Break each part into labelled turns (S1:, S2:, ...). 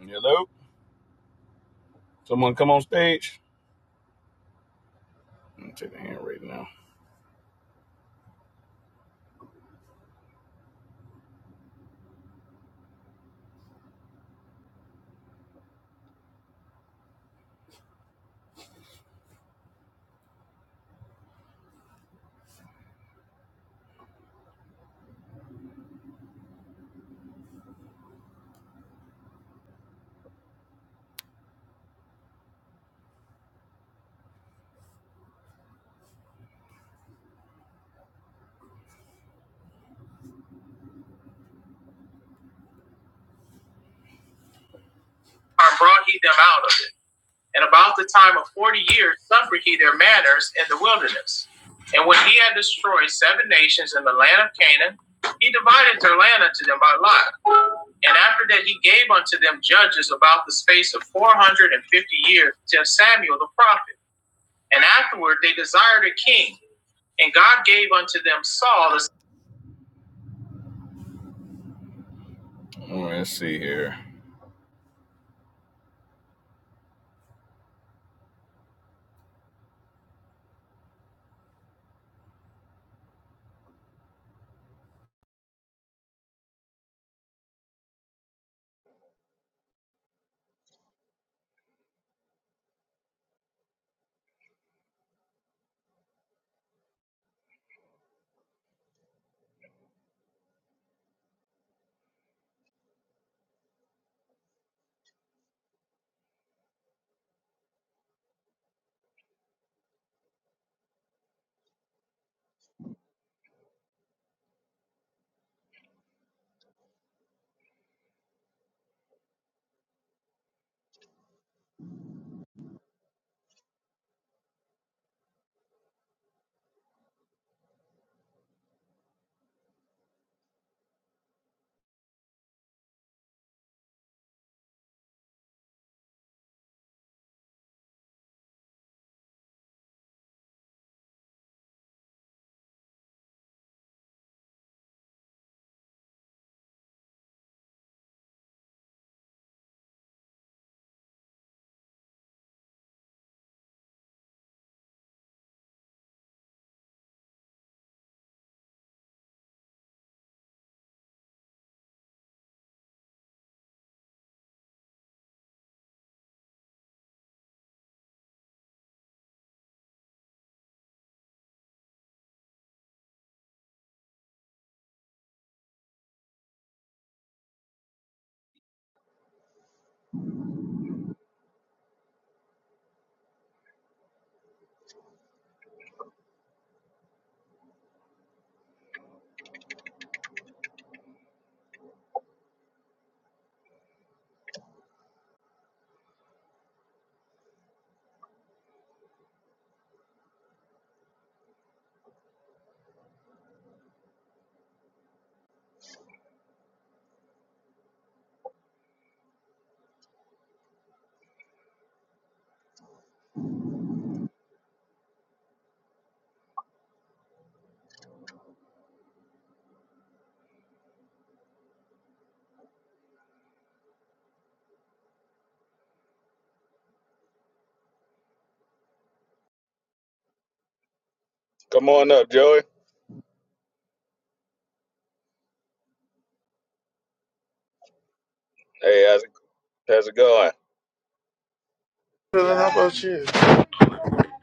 S1: Hello? Someone come on stage? I'm gonna take the hand right now. I brought he them out of it. And about the time of forty years suffered he their manners in the wilderness. And when he had destroyed seven nations in the land of Canaan, he divided their land unto them by lot. And after that he gave unto them judges about the space of four hundred and fifty years till Samuel the prophet. And afterward they desired a king, and God gave unto them Saul the right, Let's see here. Come on up, Joey. Hey, how's it, how's it going?
S2: Dylan, how about you?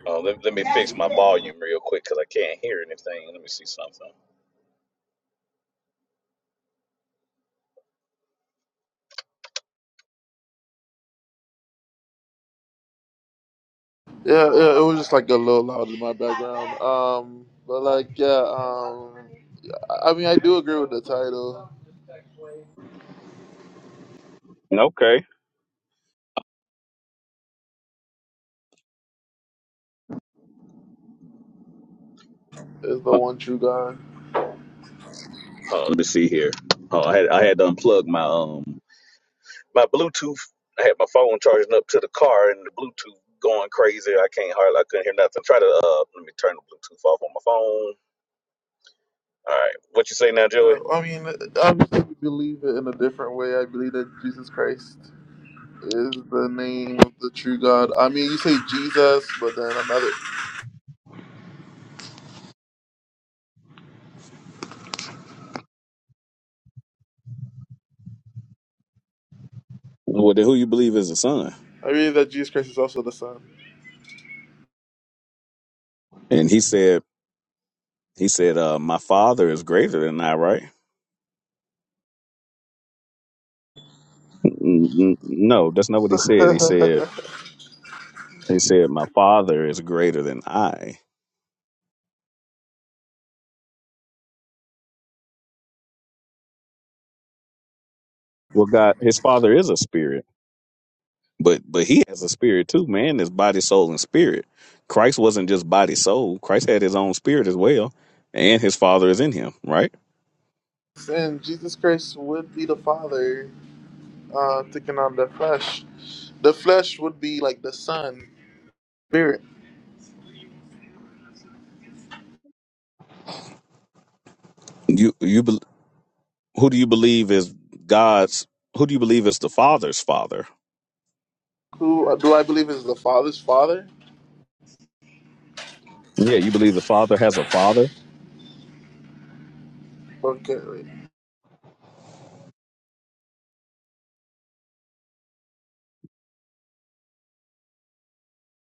S1: Oh, let, let me fix my volume real quick because I can't hear anything. Let me see something.
S2: Yeah, yeah, it was just like a little loud in my background. Um, but like, yeah, um, I I mean, I do agree with the title.
S1: Okay.
S2: Is the
S1: Huh,
S2: one true God?
S1: huh, let me see here. Oh, I had I had to unplug my um my Bluetooth. I had my phone charging up to the car and the Bluetooth going crazy. I can't hardly I couldn't hear nothing. Try to uh let me turn the Bluetooth off on my phone. All right, what you say now, Joey?
S2: Uh, I mean, obviously, we believe it in a different way. I believe that Jesus Christ is the name of the true God. I mean, you say Jesus, but then another.
S1: Well, then who you believe is the son?
S2: I believe that Jesus Christ is also the Son.
S1: And he said, he said, uh, my father is greater than I, right? N- n- No, that's not what he said. He said, he said, my father is greater than I. Well, God, his father is a spirit, but but he has a spirit too. Man is body, soul, and spirit. Christ wasn't just body, soul. Christ had his own spirit as well, and his father is in him. Right?
S2: and Jesus Christ would be the Father, uh, taking on the flesh. The flesh would be like the Son, Spirit.
S1: You you bel who do you believe is God's? Who do you believe is the father's father?
S2: Who do I believe is the Father's father?
S1: Yeah, you believe the father has a father.
S2: Okay, wait.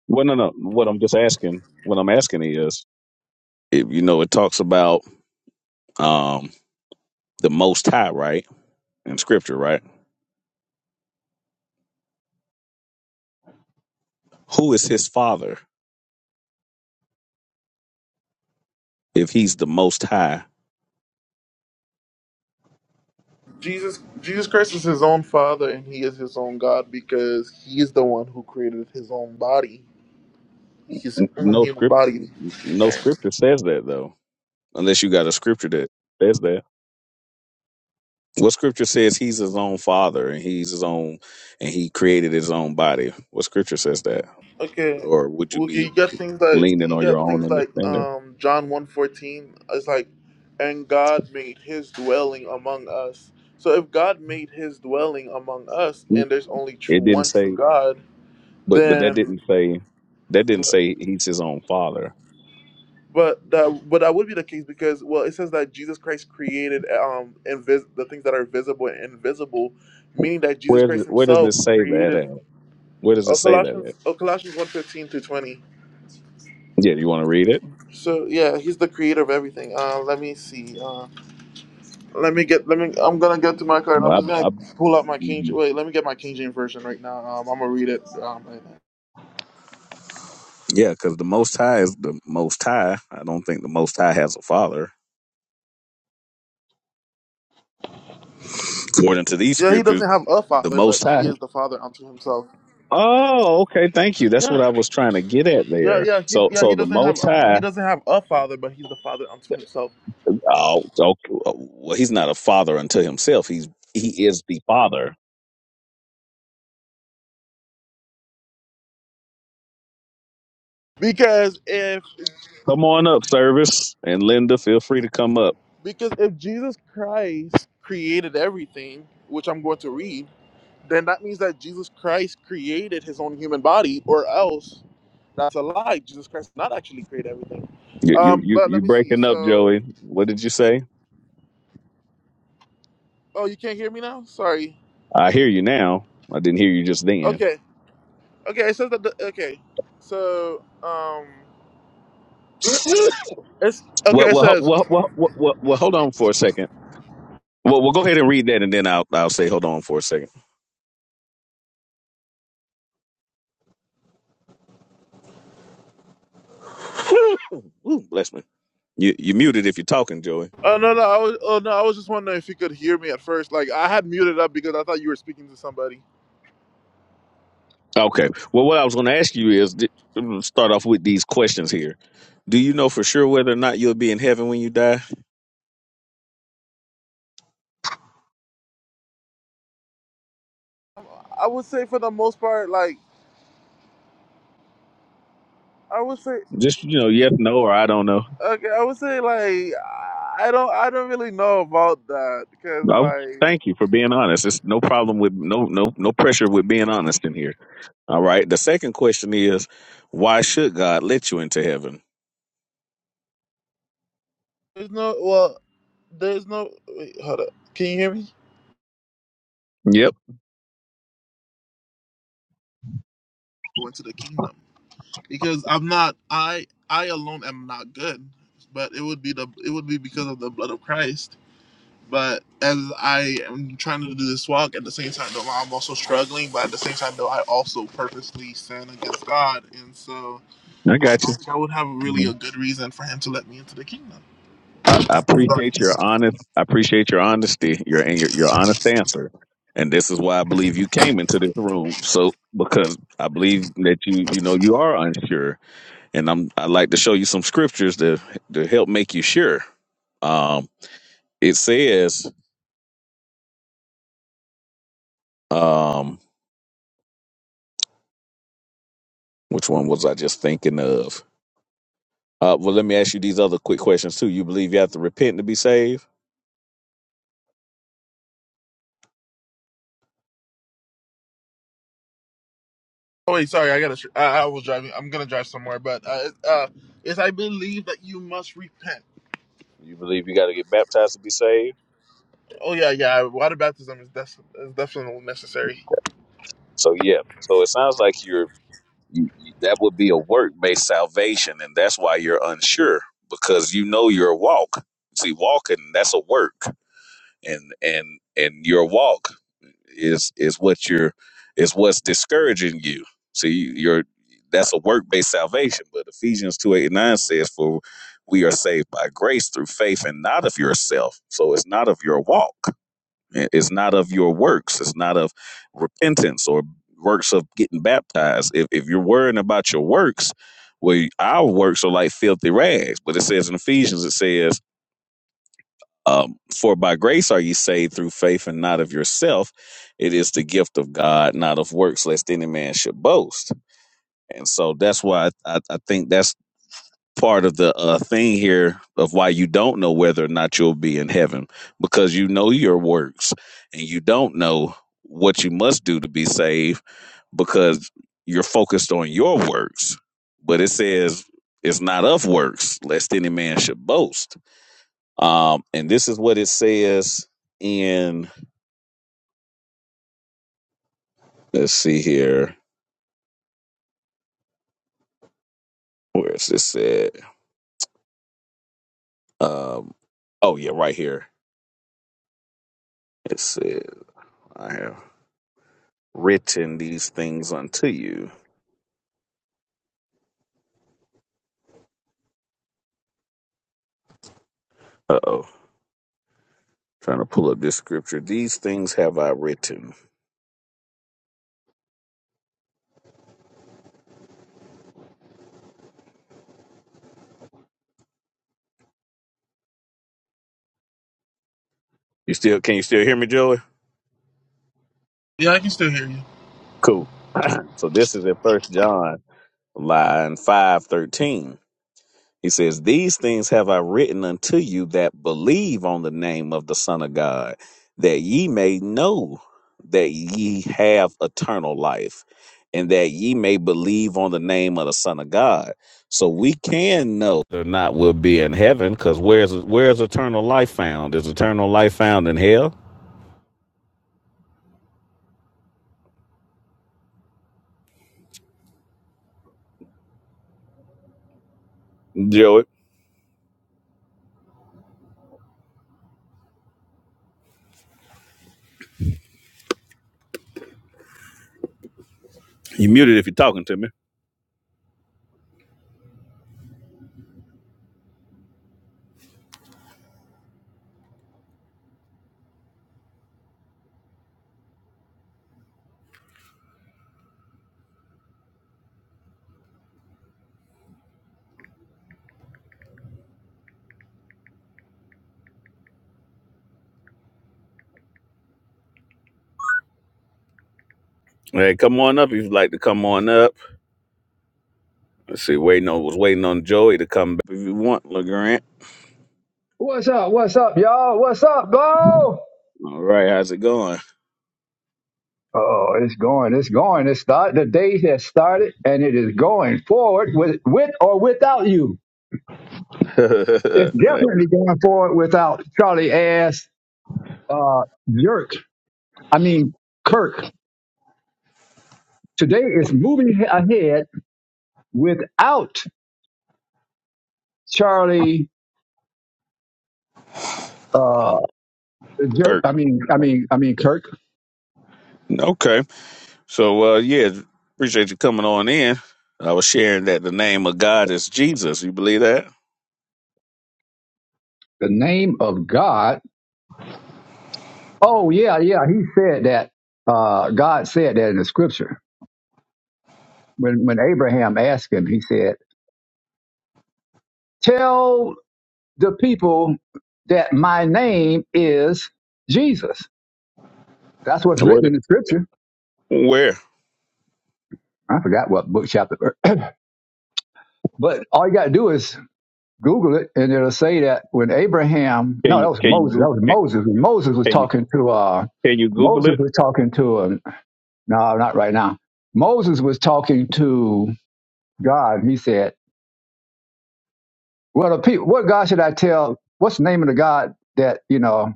S1: Well, no, no. What I'm just asking, what I'm asking is, if you know, it talks about um the Most High, right? In Scripture, right? Who is his father if he's the Most High?
S2: Jesus Jesus Christ is his own father, and he is his own God because he is the one who created his own body. His own
S1: no
S2: human
S1: scripture.
S2: body.
S1: No scripture says that though, unless you got a scripture that says that. What scripture says he's his own father and he's his own and he created his own body? What scripture says that?
S2: Okay.
S1: Or would you
S2: Okay,
S1: be
S2: you got things like
S1: leaning
S2: you
S1: on your
S2: got
S1: own
S2: things like
S1: understanding?
S2: um John one fourteen. It's like, and God made his dwelling among us. So if God made his dwelling among us, and there's only true
S1: It didn't
S2: one true
S1: say,
S2: God,
S1: but but that
S2: then
S1: didn't say that didn't say he's his own father.
S2: But that but that would be the case because well it says that Jesus Christ created um invis- the things that are visible and invisible, meaning that Jesus
S1: Where does
S2: Christ
S1: it- where does it
S2: Himself
S1: say that
S2: created.
S1: at? Where does it
S2: Oh,
S1: say that
S2: Colossians
S1: at?
S2: oh, Colossians one fifteen through twenty.
S1: Yeah, you want to read it?
S2: So yeah, He's the creator of everything. Uh, let me see. Uh, let me get. Let me. I'm gonna get to my card. I'm
S1: I,
S2: just gonna
S1: I,
S2: pull out my King.
S1: mhm.
S2: Wait, let me get my King James version right now. Um, I'm gonna read it. Um, right now.
S1: yeah, because the Most High is the Most High. I don't think the Most High has a father. According to these
S2: Yeah, He
S1: scriptures,
S2: doesn't have a
S1: the
S2: father, but
S1: Most High.
S2: He is the Father unto Himself.
S1: Oh, okay. Thank you. That's
S2: Yeah.
S1: what I was trying to get at
S2: Yeah,
S1: there.
S2: yeah, he,
S1: So,
S2: yeah. He
S1: so the
S2: doesn't have
S1: Most High.
S2: he doesn't have a father, but he's the father unto himself.
S1: Oh, so, well, he's not a father unto himself. He's he is the Father.
S2: Because if
S1: Come on up, service, and Linda, feel free to come up.
S2: because if Jesus Christ created everything, which I'm going to read, then that means that Jesus Christ created his own human body, or else that's a lie. Jesus Christ did not actually create everything.
S1: You you
S2: Um,
S1: you
S2: but let
S1: you
S2: me see.
S1: breaking up,
S2: So,
S1: Joey? What did you say?
S2: oh, you can't hear me now. Sorry.
S1: I hear you now. I didn't hear you just then.
S2: Okay, okay. It says that. The, okay, so um, it's okay.
S1: Well,
S2: It
S1: well, ho-
S2: says.
S1: well, well, well, well, well, hold on for a second. Well, we'll go ahead and read that, and then I'll I'll say hold on for a second. Ooh, ooh, bless me. You you muted if you're talking, Joey.
S2: Oh no no I was oh no I was just wondering if you could hear me at first. Like I had muted up because I thought you were speaking to somebody.
S1: Okay. Well, what I was going to ask you is di- start off with these questions here. Do you know for sure whether or not you'll be in heaven when you die?
S2: I would say for the most part, like I would say
S1: Just you know, yes, no, or I don't know.
S2: okay, I would say like I don't I don't really know about that because
S1: Oh,
S2: like
S1: thank you for being honest. It's no problem with no no no pressure with being honest in here. All right. The second question is, why should God let you into heaven?
S2: there's no well there's no wait hold up can you hear me?
S1: Yep,
S2: Go into the kingdom because I'm not I I alone am not good, but it would be the it would be because of the blood of Christ But as I am trying to do this walk, at the same time, though, I'm also struggling. But at the same time, though, I also purposely sin against God, and so
S1: I
S2: I
S1: got
S2: don't think I would have
S1: you.
S2: really a good reason for Him to let me into the kingdom,
S1: I, I
S2: even though I
S1: appreciate
S2: do.
S1: your honest. I appreciate your honesty, your and your, your honest answer, and this is why I believe you came into this room. So because I believe that you you know you are unsure, and I'm I like to show you some scriptures to to help make you sure. Um, it says, um, which one was I just thinking of? Uh, well, let me ask you these other quick questions too. You believe you have to repent to be saved?
S2: Oh wait, sorry, I gotta. I, I was driving. I'm gonna drive somewhere, but uh, uh, is I believe that you must repent.
S1: You believe you got to get baptized to be saved?
S2: Oh yeah, yeah. Water baptism is, def- is definitely necessary.
S1: So yeah. So it sounds like you're you, you, that would be a work based salvation, and that's why you're unsure because you know your walk. See, walking that's a work. and and and your walk is is what you're is what's discouraging you. See, you're that's a work based salvation. But Ephesians two eight and nine says, "For we are saved by grace through faith, and not of yourself." So it's not of your walk. It- It's not of your works. It's not of repentance or works of getting baptized. If if you're worrying about your works, well, our works are like filthy rags. But it says in Ephesians, it says um, for by grace are ye saved through faith and not of yourself. It is the gift of God, not of works, lest any man should boast. And so that's why I, I, I think that's part of the uh, thing here of why you don't know whether or not you'll be in heaven because you know your works and you don't know what you must do to be saved because you're focused on your works. But it says it's not of works, lest any man should boast. Um, and this is what it says in, let's see here. Where is this at? Um, oh, yeah, right here. It said, I have written these things unto you. Uh oh. Trying to pull up this scripture. These things have I written. You still, can you still hear me, Joey?
S2: Yeah, I can still hear you.
S1: Cool. so this is in First John, line 513. He says, These things have I written unto you that believe on the name of the Son of God, that ye may know that ye have eternal life, and that ye may believe on the name of the Son of God. So we can know or not will be in heaven, because where's where's eternal life found? Is eternal life found in hell? Joey, you muted if you're talking to me. Hey, come on up if you'd like to come on up. Let's see, waiting on was waiting on Joey to come back if you want, LeGrant.
S3: What's up? What's up, y'all? What's up, Bo?
S1: All right, how's it going?
S3: Oh, it's going. It's going. It start. The day has started, and it is going forward with with or without you. It's
S1: Hey,
S3: definitely going forward without Charlie ass uh, jerk. I mean Kirk. Today is moving he- ahead without Charlie uh, jerk.
S1: Kirk.
S3: I mean, I mean, I mean Kirk.
S1: Okay, so uh, yeah, appreciate you coming on in. I was sharing that the name of God is Jesus. You believe that?
S3: The name of God. Oh yeah, yeah. He said that. Uh, God said that in the scripture when, when Abraham asked him, he said, Tell the people that my name is Jesus. That's what's
S1: What
S3: written in the scripture.
S1: Where?
S3: I forgot what book, chapter, but all you got to do is Google it, and it'll say that when Abraham,
S1: can
S3: no,
S1: you
S3: that was
S1: can you
S3: Moses, that
S1: Goo-
S3: was
S1: can,
S3: Moses. When Moses was
S1: can you
S3: talking to, uh,
S1: can you Google
S3: Moses
S1: it?
S3: was talking to, um, no, not right now. Moses was talking to God. He said, Well, the people, what God should I tell? What's the name of the God that, you know,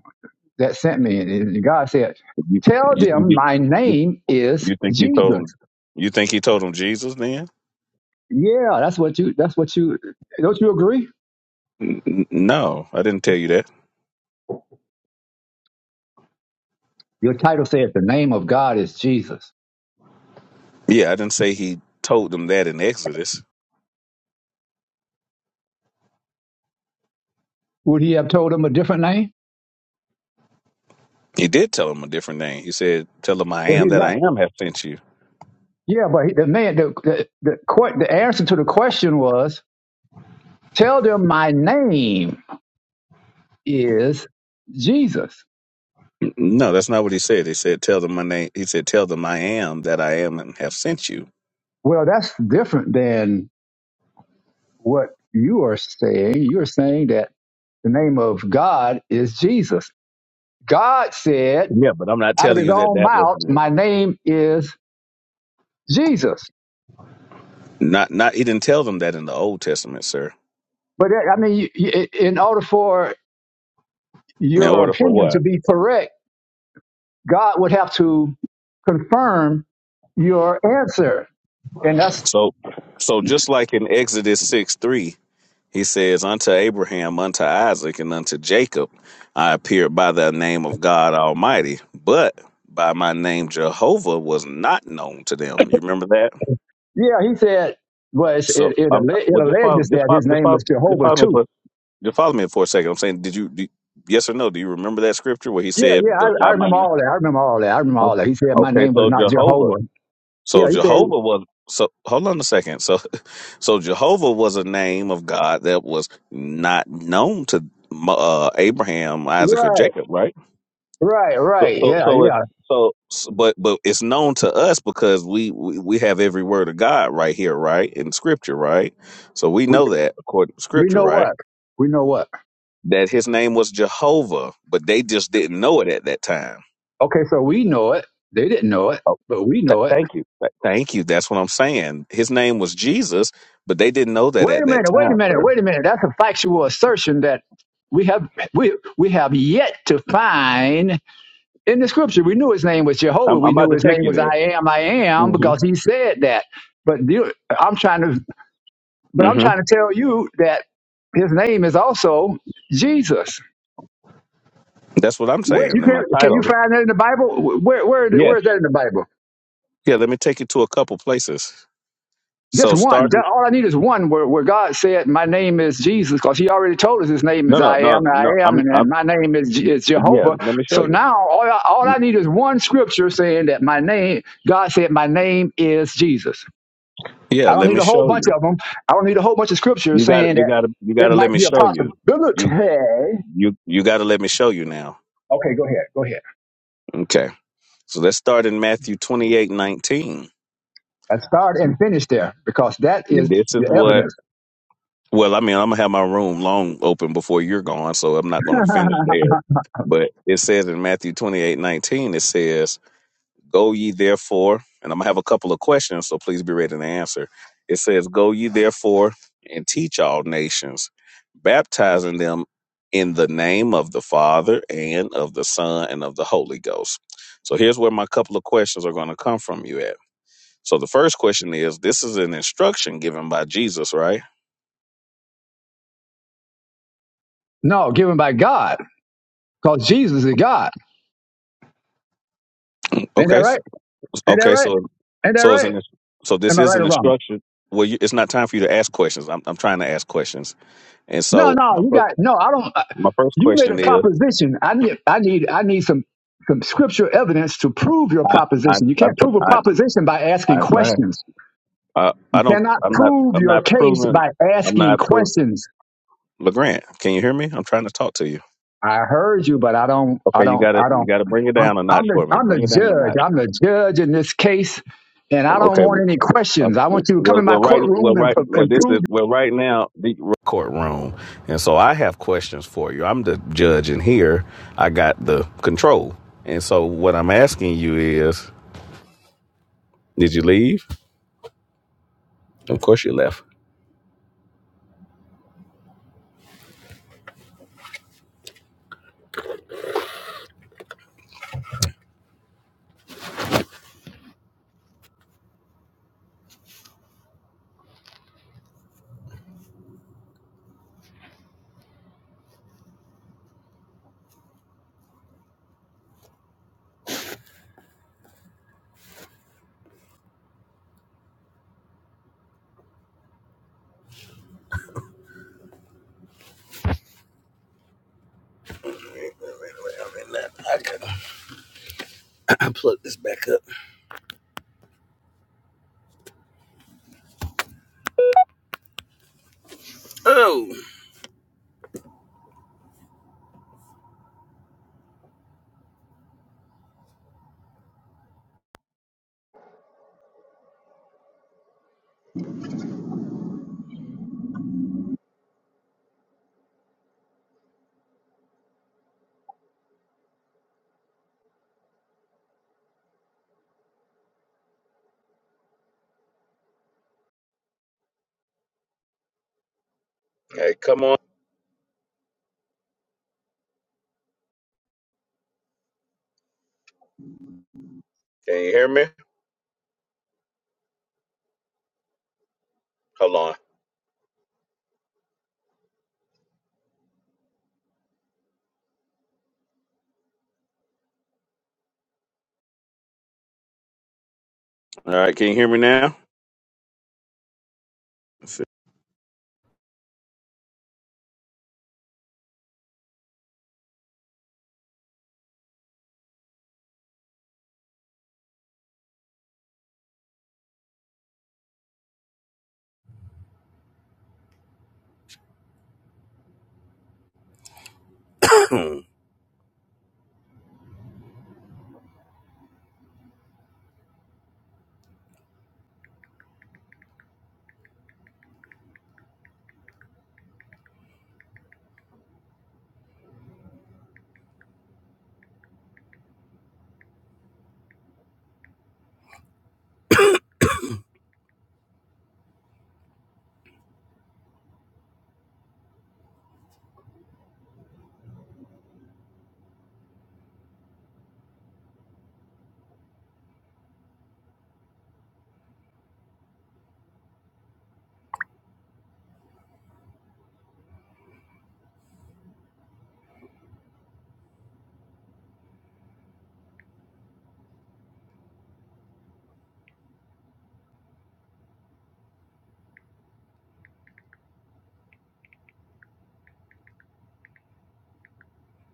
S3: that sent me. And God said,
S1: You,
S3: "Tell
S1: you think
S3: them
S1: he
S3: my
S1: you
S3: name is
S1: you think he told
S3: Jesus."
S1: him? You think he told him Jesus? Then?
S3: Yeah, that's what you. That's what you. Don't you agree?
S1: N- n- No, I didn't tell you that.
S3: Your title says the name of God is Jesus.
S1: Yeah, I didn't say he told them that in Exodus.
S3: Would he have told them a different name?
S1: He did tell them a different name. He said, "Tell them I
S3: Well,
S1: am
S3: he
S1: that I
S3: got.
S1: am have sent you."
S3: Yeah, but he- the man, the the, the que- the answer to the question was, "Tell them my name is Jesus."
S1: No, that's not what he said. He said, "Tell them my name." He said, "Tell them I am that I am and have sent you."
S3: Well, that's different than what you are saying. You are saying that the name of God is Jesus. God said
S1: Yeah, but I'm not
S3: out of
S1: telling
S3: his
S1: you that
S3: own
S1: that was
S3: mouth,
S1: the-
S3: my name is Jesus.
S1: not not. He didn't tell them that in the Old Testament, sir.
S3: But uh, I mean, in order for
S1: In
S3: your
S1: order for
S3: opinion to
S1: what?
S3: be correct, God would have to confirm your answer. And that's,
S1: So, so just like in Exodus six three, he says, "Unto Abraham, unto Isaac, and unto Jacob, I appeared by the name of God Almighty, but by my name Jehovah was not known to them." You remember that?
S3: yeah, he said, well, it's,
S1: So,
S3: it, it,
S1: um,
S3: alle- it
S1: well, just follow,
S3: alleges
S1: just
S3: that
S1: follow,
S3: his
S1: just
S3: name was
S1: follow, just
S3: Jehovah
S1: follow me for
S3: too.
S1: Just follow me for a second. I'm saying, did you, do, yes or no? Do you remember that scripture where he
S3: Yeah,
S1: said,
S3: yeah,
S1: "But
S3: I, I
S1: by my
S3: remember
S1: name"?
S3: all that. I remember all that. I remember
S1: Oh,
S3: all that. He said, my
S1: Okay,
S3: name was
S1: so
S3: not
S1: Jehovah.
S3: Jehovah. Yeah,
S1: So
S3: he said,
S1: Jehovah was. So hold on a second. So, so Jehovah was a name of God that was not known to uh, Abraham, Isaac, or
S3: right,
S1: Jacob, right?
S3: right,
S1: So,
S3: right.
S1: so,
S3: Yeah,
S1: so if
S3: yeah.
S1: so, s- but but it's known to us because we, we we have every word of God right here, right in Scripture, right? So we
S3: We,
S1: know that according to
S3: we
S1: Scripture,
S3: know
S1: right?
S3: what? We know what?
S1: that his name was Jehovah, but they just didn't know it at that time.
S3: Okay, so we know it. They didn't know it,
S1: Oh,
S3: but we
S1: th-
S3: know it.
S1: thank you. Th- thank you. That's what I'm saying. His name was Jesus, but they didn't know that
S3: Wait a
S1: at that
S3: minute, wait a
S1: time,
S3: minute,
S1: sir.
S3: wait a minute. That's a factual assertion that we have we we have yet to find in the scripture. We knew his name was Jehovah.
S1: I'm, I'm
S3: We
S1: about
S3: knew
S1: to
S3: his
S1: take
S3: name
S1: you
S3: was
S1: there.
S3: I am I am
S1: hmm
S3: because he said that. But the- I'm trying to but I'm
S1: hmm
S3: trying to tell you that his name is also Jesus.
S1: That's what I'm
S3: Where you
S1: saying in my
S3: can can you
S1: title.
S3: find that in the Bible? Where where
S1: Yes.
S3: where is that in the Bible?
S1: Yeah. Let me take you to a couple places.
S3: Just
S1: So
S3: one. Just,
S1: starting.
S3: all I need is one where, where God said, My name is Jesus, because He already told us His name
S1: No,
S3: is
S1: no,
S3: I
S1: no,
S3: am, I
S1: no.
S3: am,
S1: I'm.
S3: and that
S1: I'm.
S3: my name is, Je- is
S1: Yeah.
S3: Jehovah.
S1: Let me show
S3: So now all I, all I
S1: you.
S3: need is one scripture saying that my name, God said, My name is Jesus.
S1: Yeah.
S3: I don't
S1: Let
S3: need
S1: me
S3: a whole
S1: show
S3: bunch
S1: you.
S3: of them. I don't need a whole bunch of scriptures
S1: You got.
S3: saying
S1: You
S3: that
S1: got to. You got
S3: it
S1: to let
S3: might
S1: me
S3: be a
S1: show you.
S3: possibility.
S1: You.
S3: Okay,
S1: You. You got to let me show you now.
S3: go ahead. Go ahead.
S1: Okay. So let's start in Matthew 28 19,
S3: And start and finish there because that
S1: And
S3: is
S1: this is
S3: the
S1: what,
S3: evidence.
S1: well, I mean, I'm going to have my room long open before you're gone, so I'm not going to finish there. But it says in Matthew 28 19, it says, Go ye therefore, and I'm going to have a couple of questions, so please be ready to answer. It says, Go ye therefore and teach all nations, baptizing them in the name of the Father and of the Son and of the Holy Ghost. So here's where my couple of questions are going to come from you at. So the first question is: This is an instruction given by Jesus, right?
S3: No, given by God because Jesus is God. Ain't that
S1: Okay. So,
S3: right? Ain't that
S1: okay.
S3: right?
S1: So,
S3: Ain't that
S1: so it's
S3: right?
S1: an so this
S3: Am I
S1: is
S3: right
S1: an
S3: or wrong?
S1: instruction. Well, you, it's not time for you to ask questions. I'm I'm trying to ask questions, and
S3: No,
S1: so
S3: no,
S1: my
S3: you
S1: first
S3: got no. I don't. I,
S1: my first
S3: you made
S1: question
S3: a
S1: is:
S3: proposition. I need, I need, I need some some scripture evidence to prove your
S1: I I
S3: proposition. You
S1: I'm
S3: can't prove a
S1: tr- I
S3: proposition by asking
S1: I'm trying.
S3: questions.
S1: I
S3: You
S1: I don't.
S3: cannot
S1: I'm not.
S3: prove
S1: I'm
S3: your
S1: not
S3: case
S1: proving.
S3: by
S1: I'm
S3: asking
S1: not proving.
S3: questions.
S1: Legrand, can you hear me? I'm trying to talk to you.
S3: I heard you, but I don't, I
S1: Okay, you
S3: don't,
S1: got to
S3: I
S1: you
S3: don't.
S1: got to bring it
S3: I'm,
S1: down a
S3: I'm
S1: notch
S3: the,
S1: for me.
S3: I'm the
S1: Bring it down a
S3: judge.
S1: notch.
S3: I'm the judge in this case, and I don't
S1: Okay,
S3: want any
S1: Okay.
S3: questions. I want you to come
S1: Well,
S3: in my
S1: well, right,
S3: courtroom
S1: well,
S3: and,
S1: right,
S3: pro-
S1: well,
S3: and
S1: this
S3: prove
S1: is well, right now the courtroom, and so I have questions for you. I'm the judge, and here I got the control. And so what I'm asking you is, did you leave? Of course you left. I plug this back up. Oh. Hey, come on. Can you hear me? Hold on. All right, can you hear me now? Let's see.